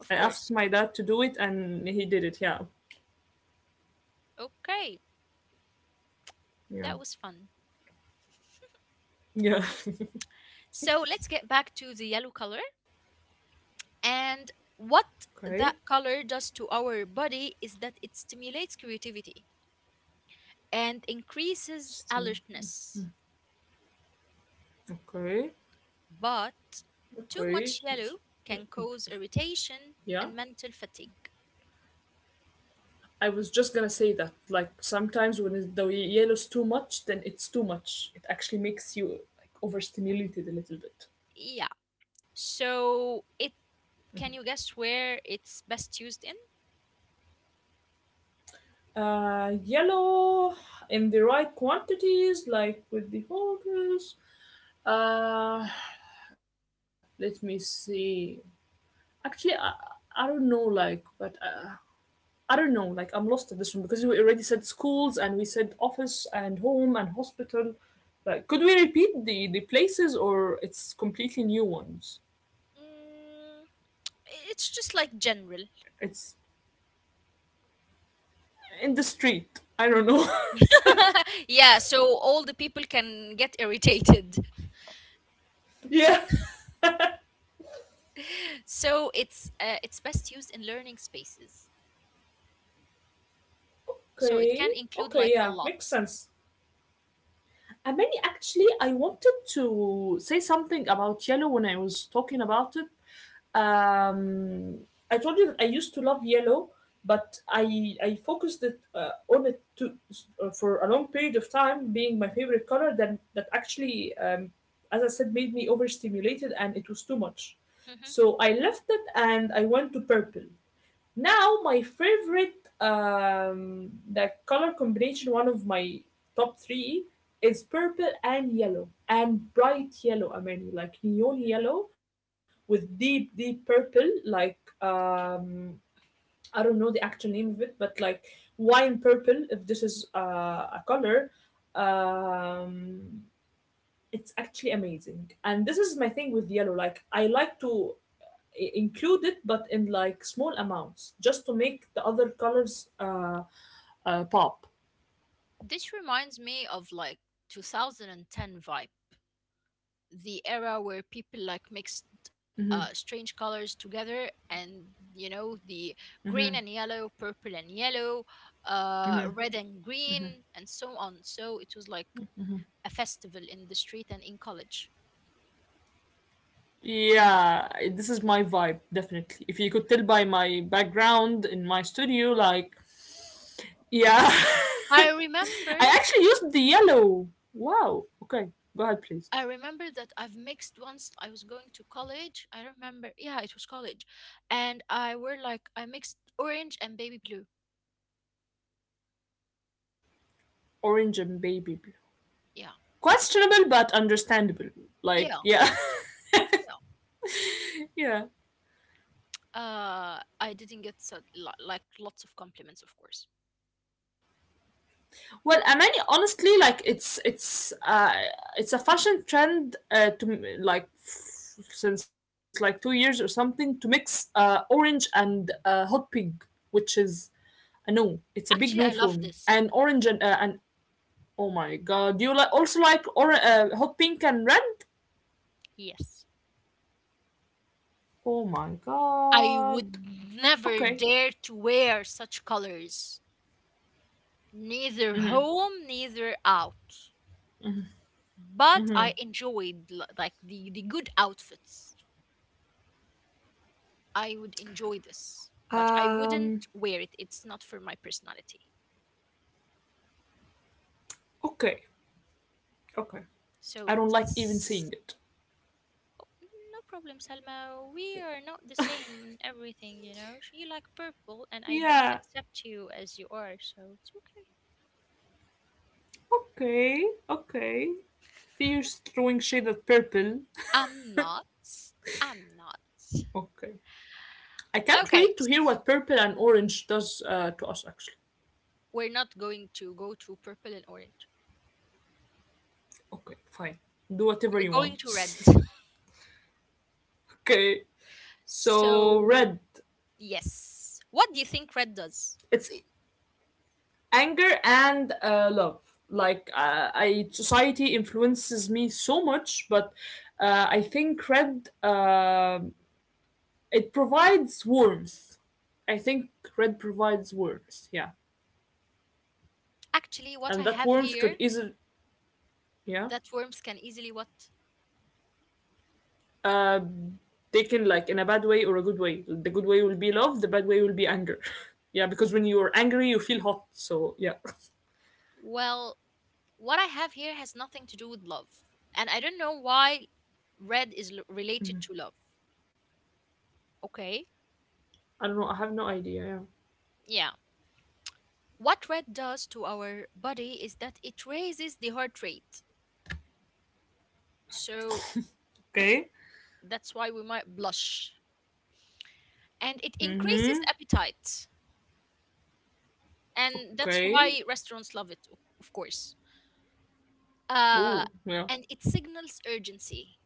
I asked
course.
my dad to do it, and he did it. Yeah,
Okay,
yeah,
that was fun.
yeah.
So let's get back to the yellow color. And
(laughs) okay.
what that color does to our body is that it stimulates creativity and increases
Still-
alertness.
Okay.
But too
Okay.
much yellow can cause irritation
Yeah,
and mental fatigue.
I was just gonna say that. Like sometimes when the yellow's too much, then it's too much. It actually makes you like overstimulated a little bit.
Yeah. So it Can you guess where it's best used in?
Yellow in the right quantities, like with the focus. Uh, let me see. Actually, I don't know, like, but I don't know. Like I'm lost at this one because we already said schools and we said office and home and hospital. Like, could we repeat the places or it's completely new ones?
Mm, it's just like general.
It's in the street. I don't know.
(laughs) Yeah, so all the people can get irritated.
(laughs) yeah.
(laughs) So it's best used in learning spaces. So it can
Okay.
include
Okay.
like a
Yeah. Makes
lot.
sense. And many actually, I wanted to say something about yellow when I was talking about it. Um, I told you that I used to love yellow, but I focused it on it to for a long period of time being my favorite color. Then that actually, as I said, made me overstimulated and it was too much.
Mhm.
So I left it and I went to purple. Now, my favorite, the color combination, one of my top three, is purple and yellow, and bright yellow, I mean, like neon yellow with deep, deep purple, like, um, I don't know the actual name of it, but like wine purple, if this is a color. Um, it's actually amazing, and this is my thing with yellow. Like I like to include it but in like small amounts just to make the other colors pop.
This reminds me of like 2010 vibe, the era where people like mixed
Hmm.
strange colors together, and you know the green
Hmm.
and yellow, purple and yellow, red and green, and so on. So it was like a festival in the street and in college.
Yeah, this is my vibe, definitely. If you could tell by my background in my studio, like yeah, (laughs) I
I remember,
actually used the yellow. Wow, okay. Go ahead, please.
I remember that I've mixed once. I was going to college. I remember, yeah, it was college, and I were like I mixed orange and baby blue.
Orange and baby blue,
Yeah,
questionable but understandable, like
yeah,
yeah.
yeah.
(laughs) yeah.
I didn't get so, like lots of compliments, of course.
Well, Amani, honestly, like it's it's a fashion trend to since like 2 years or something to mix orange and hot pink, which is a no. It's a big no
Actually, I
for me.
love this.
And orange and oh my god, do you like also like or hot pink and red?
Yes,
Oh my
I
god.
would never
Okay.
dare to wear such colors, neither
Mm-hmm.
home, neither out. But
Mm-hmm.
I enjoyed the good outfits. I would enjoy this, but I wouldn't
Um.
wear it. It's not for my personality.
Okay. Okay.
So,
I don't like even
s-
seeing it.
no problem, Salma. We are not the same in everything. You like purple, and I did
Yeah.
accept you as you are, so it's okay.
Okay. Okay. Fierce throwing shade at purple.
I'm not. I'm not.
Okay. I can't
Okay,
wait to hear what purple and orange does to us, actually.
we're not going to go to purple and orange.
Okay, fine. Do whatever
We're
you
going
want.
to red.
(laughs) okay.
So
So, red.
yes, what do you think red does?
It's anger and love. Like, I society influences me so much, but I think red, it provides warmth. I think red provides warmth, yeah.
Actually, what I
And that
have
warmth could
here
easily, yeah,
that worms can easily what?
uh, taken like in a bad way or a good way. The good way will be love, the bad way will be anger. (laughs) yeah, because when you're angry, you feel hot. So yeah. (laughs)
Well, what I have here has nothing to do with love. And I don't know why red is related to love. Okay?
I don't know. I have no idea. Yeah.
Yeah. What red does to our body is that it raises the heart rate. So
Okay.
that's why we might blush. And it increases
Mm-hmm.
appetite. And that's
Okay.
why restaurants love it, of course. Uh,
Oh yeah.
and it signals urgency,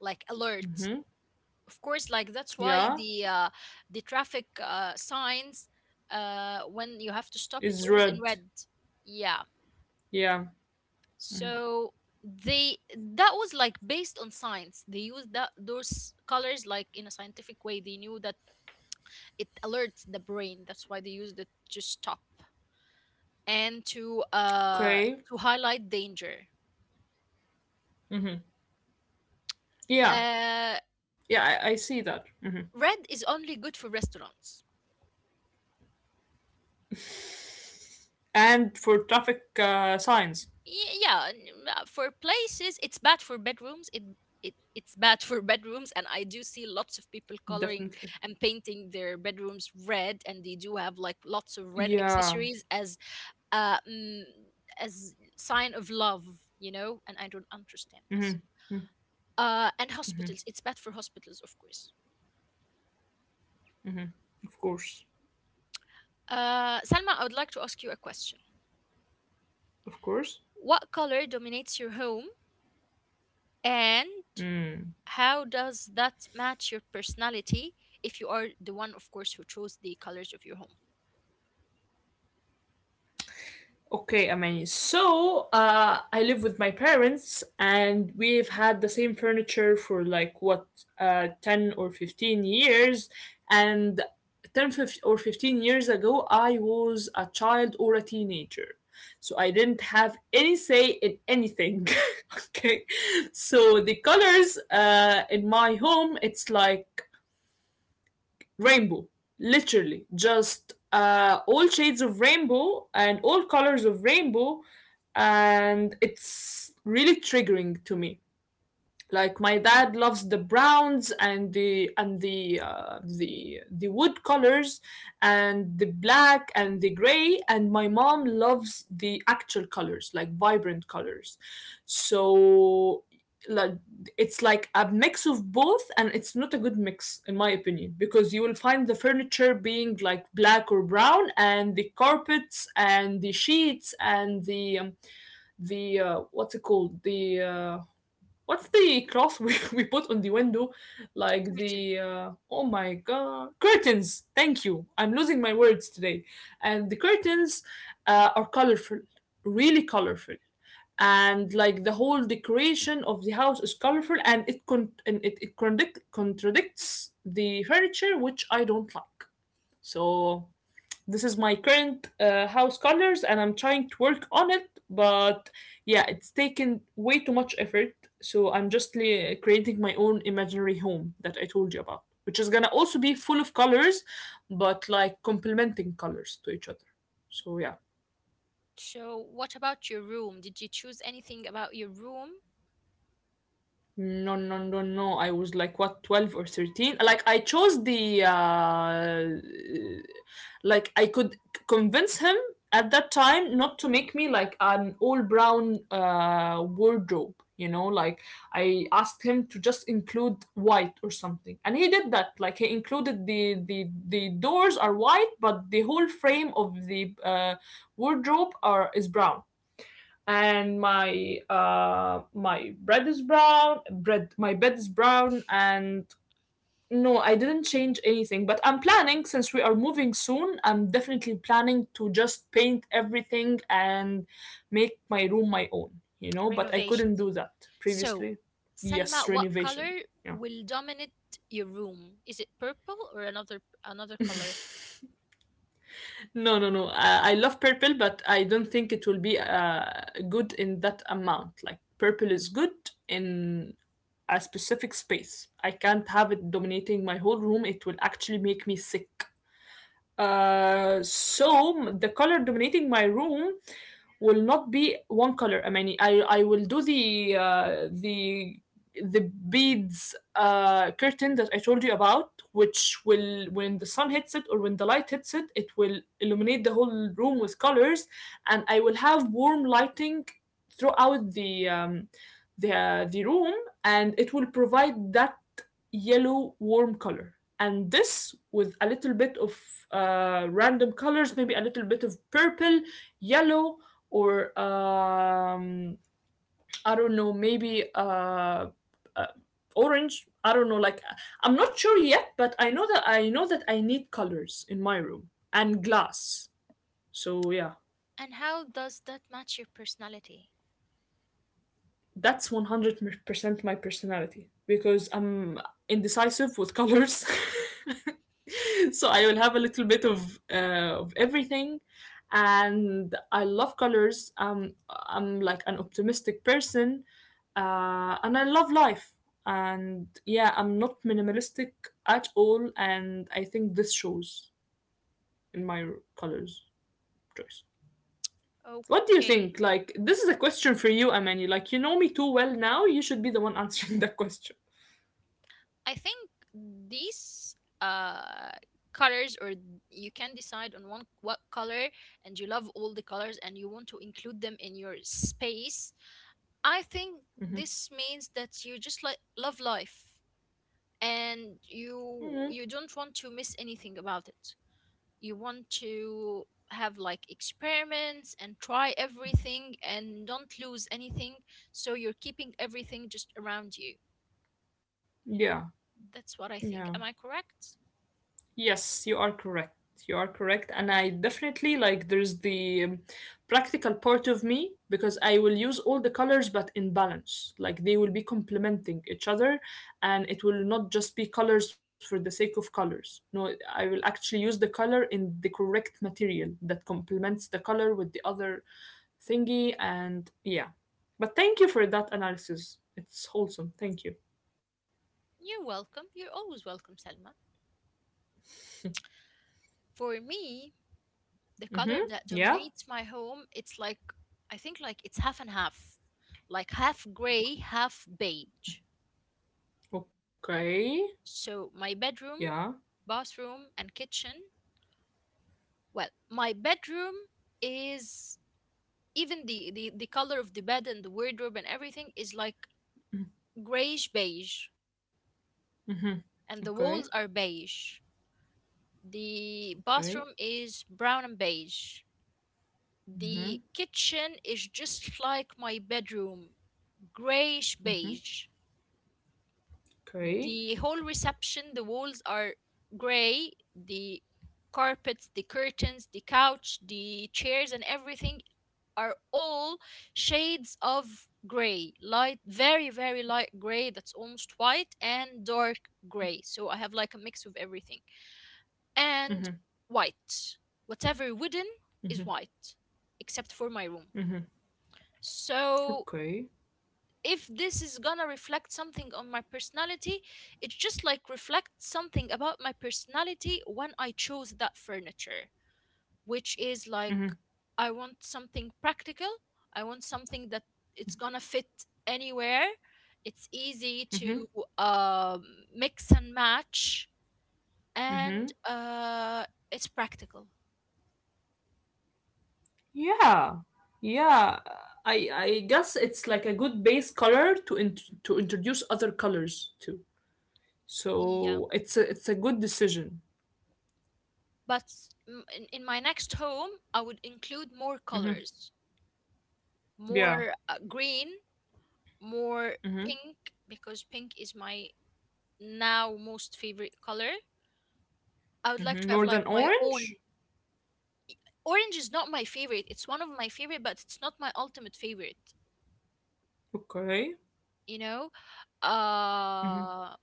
like alert, of course. Like that's why
Yeah.
the traffic signs, when you have to stop, it's
It's
always in
red.
red. Yeah,
Yeah.
so they, that was like based on science. They used that, those colors, like in a scientific way. They knew that it alerts the brain, that's why they used it to stop and
Okay.
to highlight danger.
Yeah.
uh
Yeah, I see that. Mhm.
Red is only good for restaurants.
And for traffic signs,
For places, it's bad for bedrooms. It's bad for (laughs) bedrooms. And I do see lots of people coloring
definitely.
and painting their bedrooms red, and they do have like lots of red
Yeah.
accessories as uh mm, as sign of love, and I don't understand this. And hospitals, it's bad for hospitals, of course.
Of course.
Uh, Salma, I would like to ask you a question.
Of course.
What color dominates your home, and how does that match your personality, if you are the one, of course, who chose the colors of your home?
Okay, I mean, so I live with my parents, and we've had the same furniture for like what 10 or 15 years, and 10 fif- or 15 years ago I was a child or a teenager, so I didn't have any say in anything. (laughs) okay. So the colors in my home, it's like rainbow, literally just all shades of rainbow and all colors of rainbow, and it's really triggering to me. Like my dad loves the browns and the the wood colors and the black and the gray, and my mom loves the actual colors, like vibrant colors. So like it's like a mix of both, and it's not a good mix in my opinion, because you will find the furniture being like black or brown and the carpets and the sheets and the what's it called, the what's the cloth we (laughs) we put on the window? Like
Curtain.
the, oh my god, curtains. Thank you. I'm losing my words today. And the curtains are colorful, really colorful. And like the whole decoration of the house is colorful, and it contradicts the furniture, which I don't like. So this is my current house colors, and I'm trying to work on it. But yeah, it's taken way too much effort. So I'm just creating my own imaginary home that I told you about, which is gonna also be full of colors, but like complementing colors to each other. So yeah.
So what about your room? Did you choose anything about your room?
No, no, no, no. I was like what 12 or 13. Like I chose the I could convince him at that time not to make me like an all brown wardrobe, you know, like I asked him to just include white or something. And he did that. Like he included the doors are white, but the whole frame of the wardrobe are is brown, and my my bread is brown bread my bed is brown. And no, I didn't change anything, but I'm planning, since we are moving soon, I'm definitely planning to just paint everything and make my room my own, you know, but I couldn't
Renovations.
do that
So,
previously.
Salma,
Yes,
what
renovation.
color
Yeah.
will dominate your room? Is it purple or another color?
(laughs) no, no, no. I love purple, but I don't think it will be good in that amount. Like purple is good in a specific space. I can't have it dominating my whole room. It will actually make me sick. So the color dominating my room will not be one color. I mean, I will do the the beads curtain that I told you about, which will, when the sun hits it or when the light hits it, it will illuminate the whole room with colors, and I will have warm lighting throughout the room, and it will provide that yellow warm color, and this with a little bit of random colors, maybe a little bit of purple, yellow, or I don't know, maybe uh, orange. I don't know. Like I'm not sure yet, but I know that I need colors in my room and glass. So yeah.
And how does that match your personality?
That's 100% my personality because I'm indecisive with colors. (laughs) so I will have a little bit of everything, and I love colors. I'm like an optimistic person, and I love life. And yeah, I'm not minimalistic at all, and I think this shows in my colors choice. What do you
Okay.
think? Like, this is a question for you, Amani. Like, you know me too well now. You should be the one (laughs) answering that question.
I think these uh colors, or you can decide on one, what color. And you love all the colors and you want to include them in your space. I think
Hmm.
this means that you just like love life, and
Hmm.
you don't want to miss anything about it. You want to have like experiments and try everything and don't lose anything, so you're keeping everything just around you.
Yeah,
That's what I think. Am
yeah.
I correct?
Yes, you are correct. You are correct. And I definitely like, there's the practical part of me because I will use all the colors but in balance. Like, they will be complementing each other, and it will not just be colors for the sake of colors. No, I will actually use the color in the correct material that complements the color with the other thingy. And yeah, but thank you for that analysis. It's wholesome. Thank you.
You're welcome. You're always welcome, Selma. For me, the
Mm-hmm.
color that
Yeah.
dominates my home, it's like, I think like it's half and half. Like half gray, half beige.
Okay.
So my bedroom,
Yeah.
bathroom and kitchen, well, my bedroom is, even the color of the bed and the wardrobe and everything is like grayish beige, and the
Okay.
walls are beige. The
Okay.
bathroom is brown and beige. The kitchen is just like my bedroom, grayish beige.
Okay.
The whole reception, the walls are gray, the carpets, the curtains, the couch, the chairs, and everything are all shades of gray. Light, very, very light gray that's almost white, and dark gray. So I have like a mix of everything. And white. Whatever wooden is white, except for my room. So
Okay.
if this is gonna reflect something on my personality, it just like reflects something about my personality when I chose that furniture, which is like, I want something practical. I want something that it's gonna fit anywhere. It's easy to
Mm-hmm.
um, mix and match, and
Mm-hmm.
it's practical.
Yeah. Yeah, I guess it's like a good base color to to introduce other colors too.
Yeah,
So it's a good decision.
but mm, in my next home, I would include more
Mm-hmm.
colors,
Yeah.
more green, more
Mm-hmm.
pink, because pink is my now most favorite color. I would like
Mm-hmm.
to have
More than
like my
orange.
own. Orange is not my favorite. It's one of my favorite, but it's not my ultimate favorite.
Okay.
You know, uh,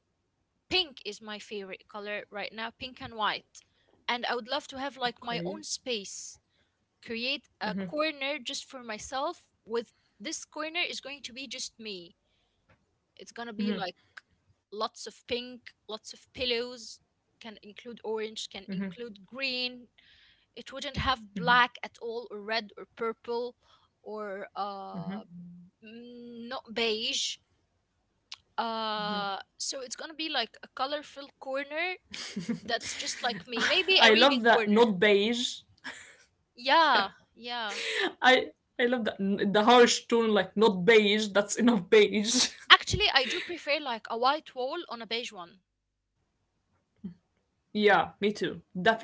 pink is my favorite color right now, pink and white. And I would love to have like my
Okay.
own space, create a corner just for myself. With this corner is going to be just me. It's gonna be like lots of pink, lots of pillows, can include orange, can include green. It wouldn't have black at all, or red, or purple, or not beige. So it's gonna be like a colorful corner that's just like me.
I
Maybe
love
a
that
reading
not
corner.
beige. Yeah.
Yeah, yeah.
I I love that, the harsh tone, like not beige. That's enough beige.
Actually, I do prefer like a white wall on a beige one.
(laughs) yeah, me too. Definitely.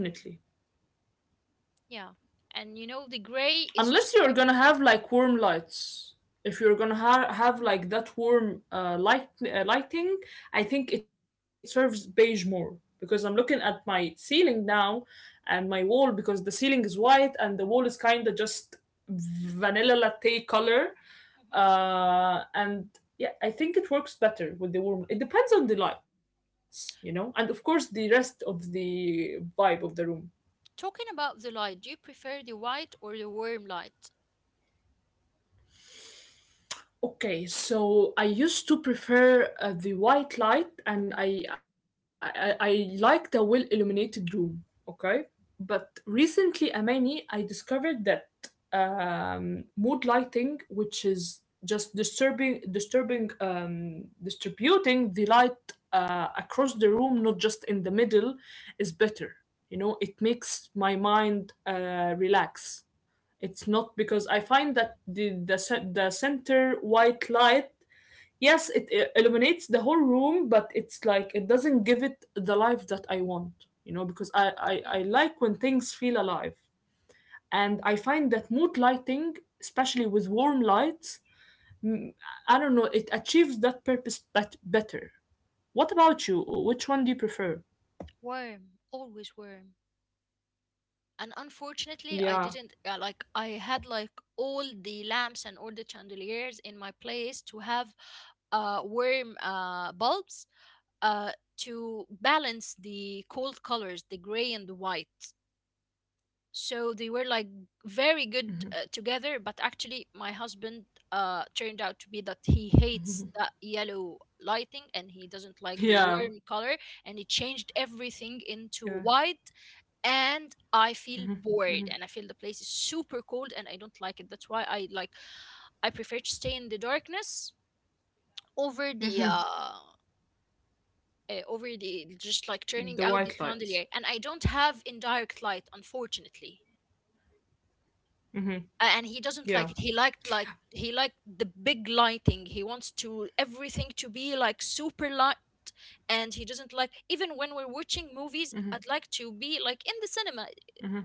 Yeah. And you know, the gray is
Unless
just
you're
like.
gonna have like warm lights. If you're gonna have like that warm lighting, I think it serves beige more, because I'm looking at my ceiling now and my wall, because the ceiling is white and the wall is kind of just vanilla latte color,
(laughs) Mm-hmm.
and yeah, I think it works better with the warm. It depends on the lights, you know, and of course the rest of the vibe of the room.
Talking about the light, do you prefer the white or the warm light?
Okay, so I used to prefer the white light, and I liked a well illuminated room, okay? But recently, Amani, I discovered that mood lighting, which is just distributing the light across the room, not just in the middle, is better. You know, it makes my mind relax. It's not, because I find that the center white light, yes, it illuminates the whole room, but it's like it doesn't give it the life that I want, you know, because I
Yeah.
like when things feel alive. And I find that mood lighting, especially with warm lights, mm, I don't know, it achieves that purpose better. What about you? Which one do you prefer?
Warm, always warm. And unfortunately, I
Yeah,
didn't like I had like all the lamps and all the chandeliers in my place to have warm bulbs, uh to balance the cold colors, the gray and the white. So they were like very good together, but actually, my husband turned out to be that he hates that yellow lighting and he doesn't like the
yeah,
warm color, and he changed
yeah.
everything into white. And I feel bored, and I feel the place is super cold, and I don't like it. That's why I like, I prefer to stay in the darkness over the uh, over the
The
just
white
like turning
lights.
out the chandelier. And I don't have indirect light, unfortunately. And he doesn't
Yeah.
like it. He liked, like he liked the big lighting. He wants to everything to be like super light, and he doesn't like even when we're watching movies. I'd like to be like in the cinema,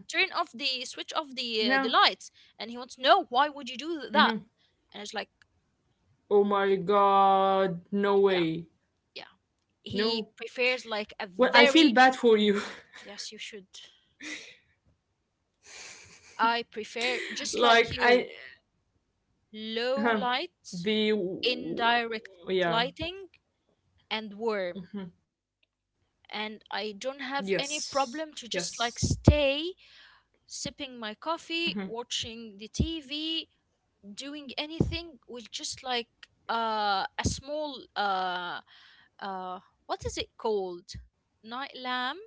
turn off, the switch off
Yeah.
the lights, and he wants, no, why would you do that?
Hmm.
And it's like,
Oh my god, no
yeah,
way.
yeah. He
No.
prefers like a
Well, I feel
very,
bad for you.
yes, you should. I prefer
(laughs)
just like
like
you,
I
low
huh.
light,
The
indirect
yeah.
lighting, and warm.
Mhm.
And I don't have
Yes.
any problem to
Yes.
just like stay sipping my
Mhm.
coffee, watching the TV, doing anything with just like a small uh, what is it called? Night lamp,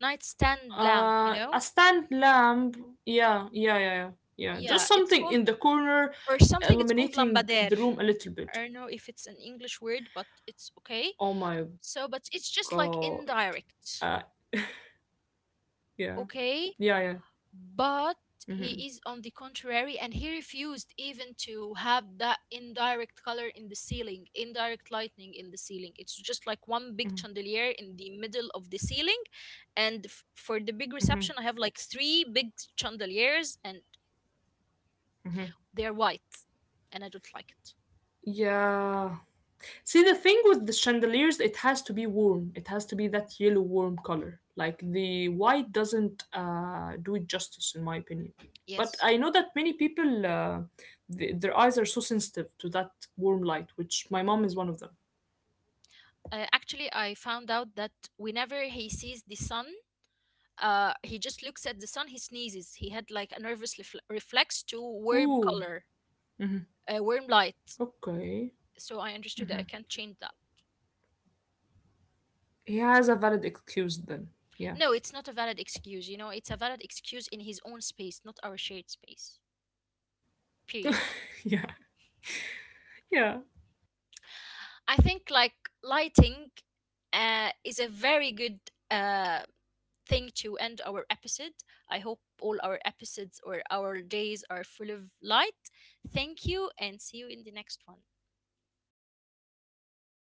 nightstand lamp,
A
you know?
stand lamp. Yeah, yeah, yeah, yeah. Yeah, just
Yeah, it's
something in
called,
the corner
or something. It's called
illuminating
lambader.
the room a little
I
bit.
don't know if it's an English word, but it's okay.
Oh my
So, but it's
god.
just like
Uh
indirect,
yeah. Yeah,
okay?
yeah.
But
Mhm.
he is on the contrary, and he refused even to have that indirect color in the ceiling, indirect lightning in the ceiling. It's just like one big chandelier in the middle of the ceiling, and for the big
Mhm.
reception I have like 3 big chandeliers and
Mhm.
they're white, and I don't like it.
Yeah. See, the thing with the chandeliers, it has to be warm. It has to be that yellow warm color. Like the white doesn't do it justice, in my opinion. But
Yes.
I know that many people, their eyes are so sensitive to that warm light, which my mom is one of them.
Uh, actually I found out that whenever he sees the sun, he just looks at the sun, he sneezes. He had like a nervous reflex to warm
Ooh,
color,
hmm,
warm light.
okay.
So I understood that I can't change that.
He has a valid excuse then. Yeah.
No, it's not a valid excuse. You know, it's a valid excuse in his own space, not our shared space. Period.
(laughs) yeah. Yeah.
I think like lighting is a very good uh, thing to end our episode. I hope all our episodes or our days are full of light. Thank you and see you in the next one.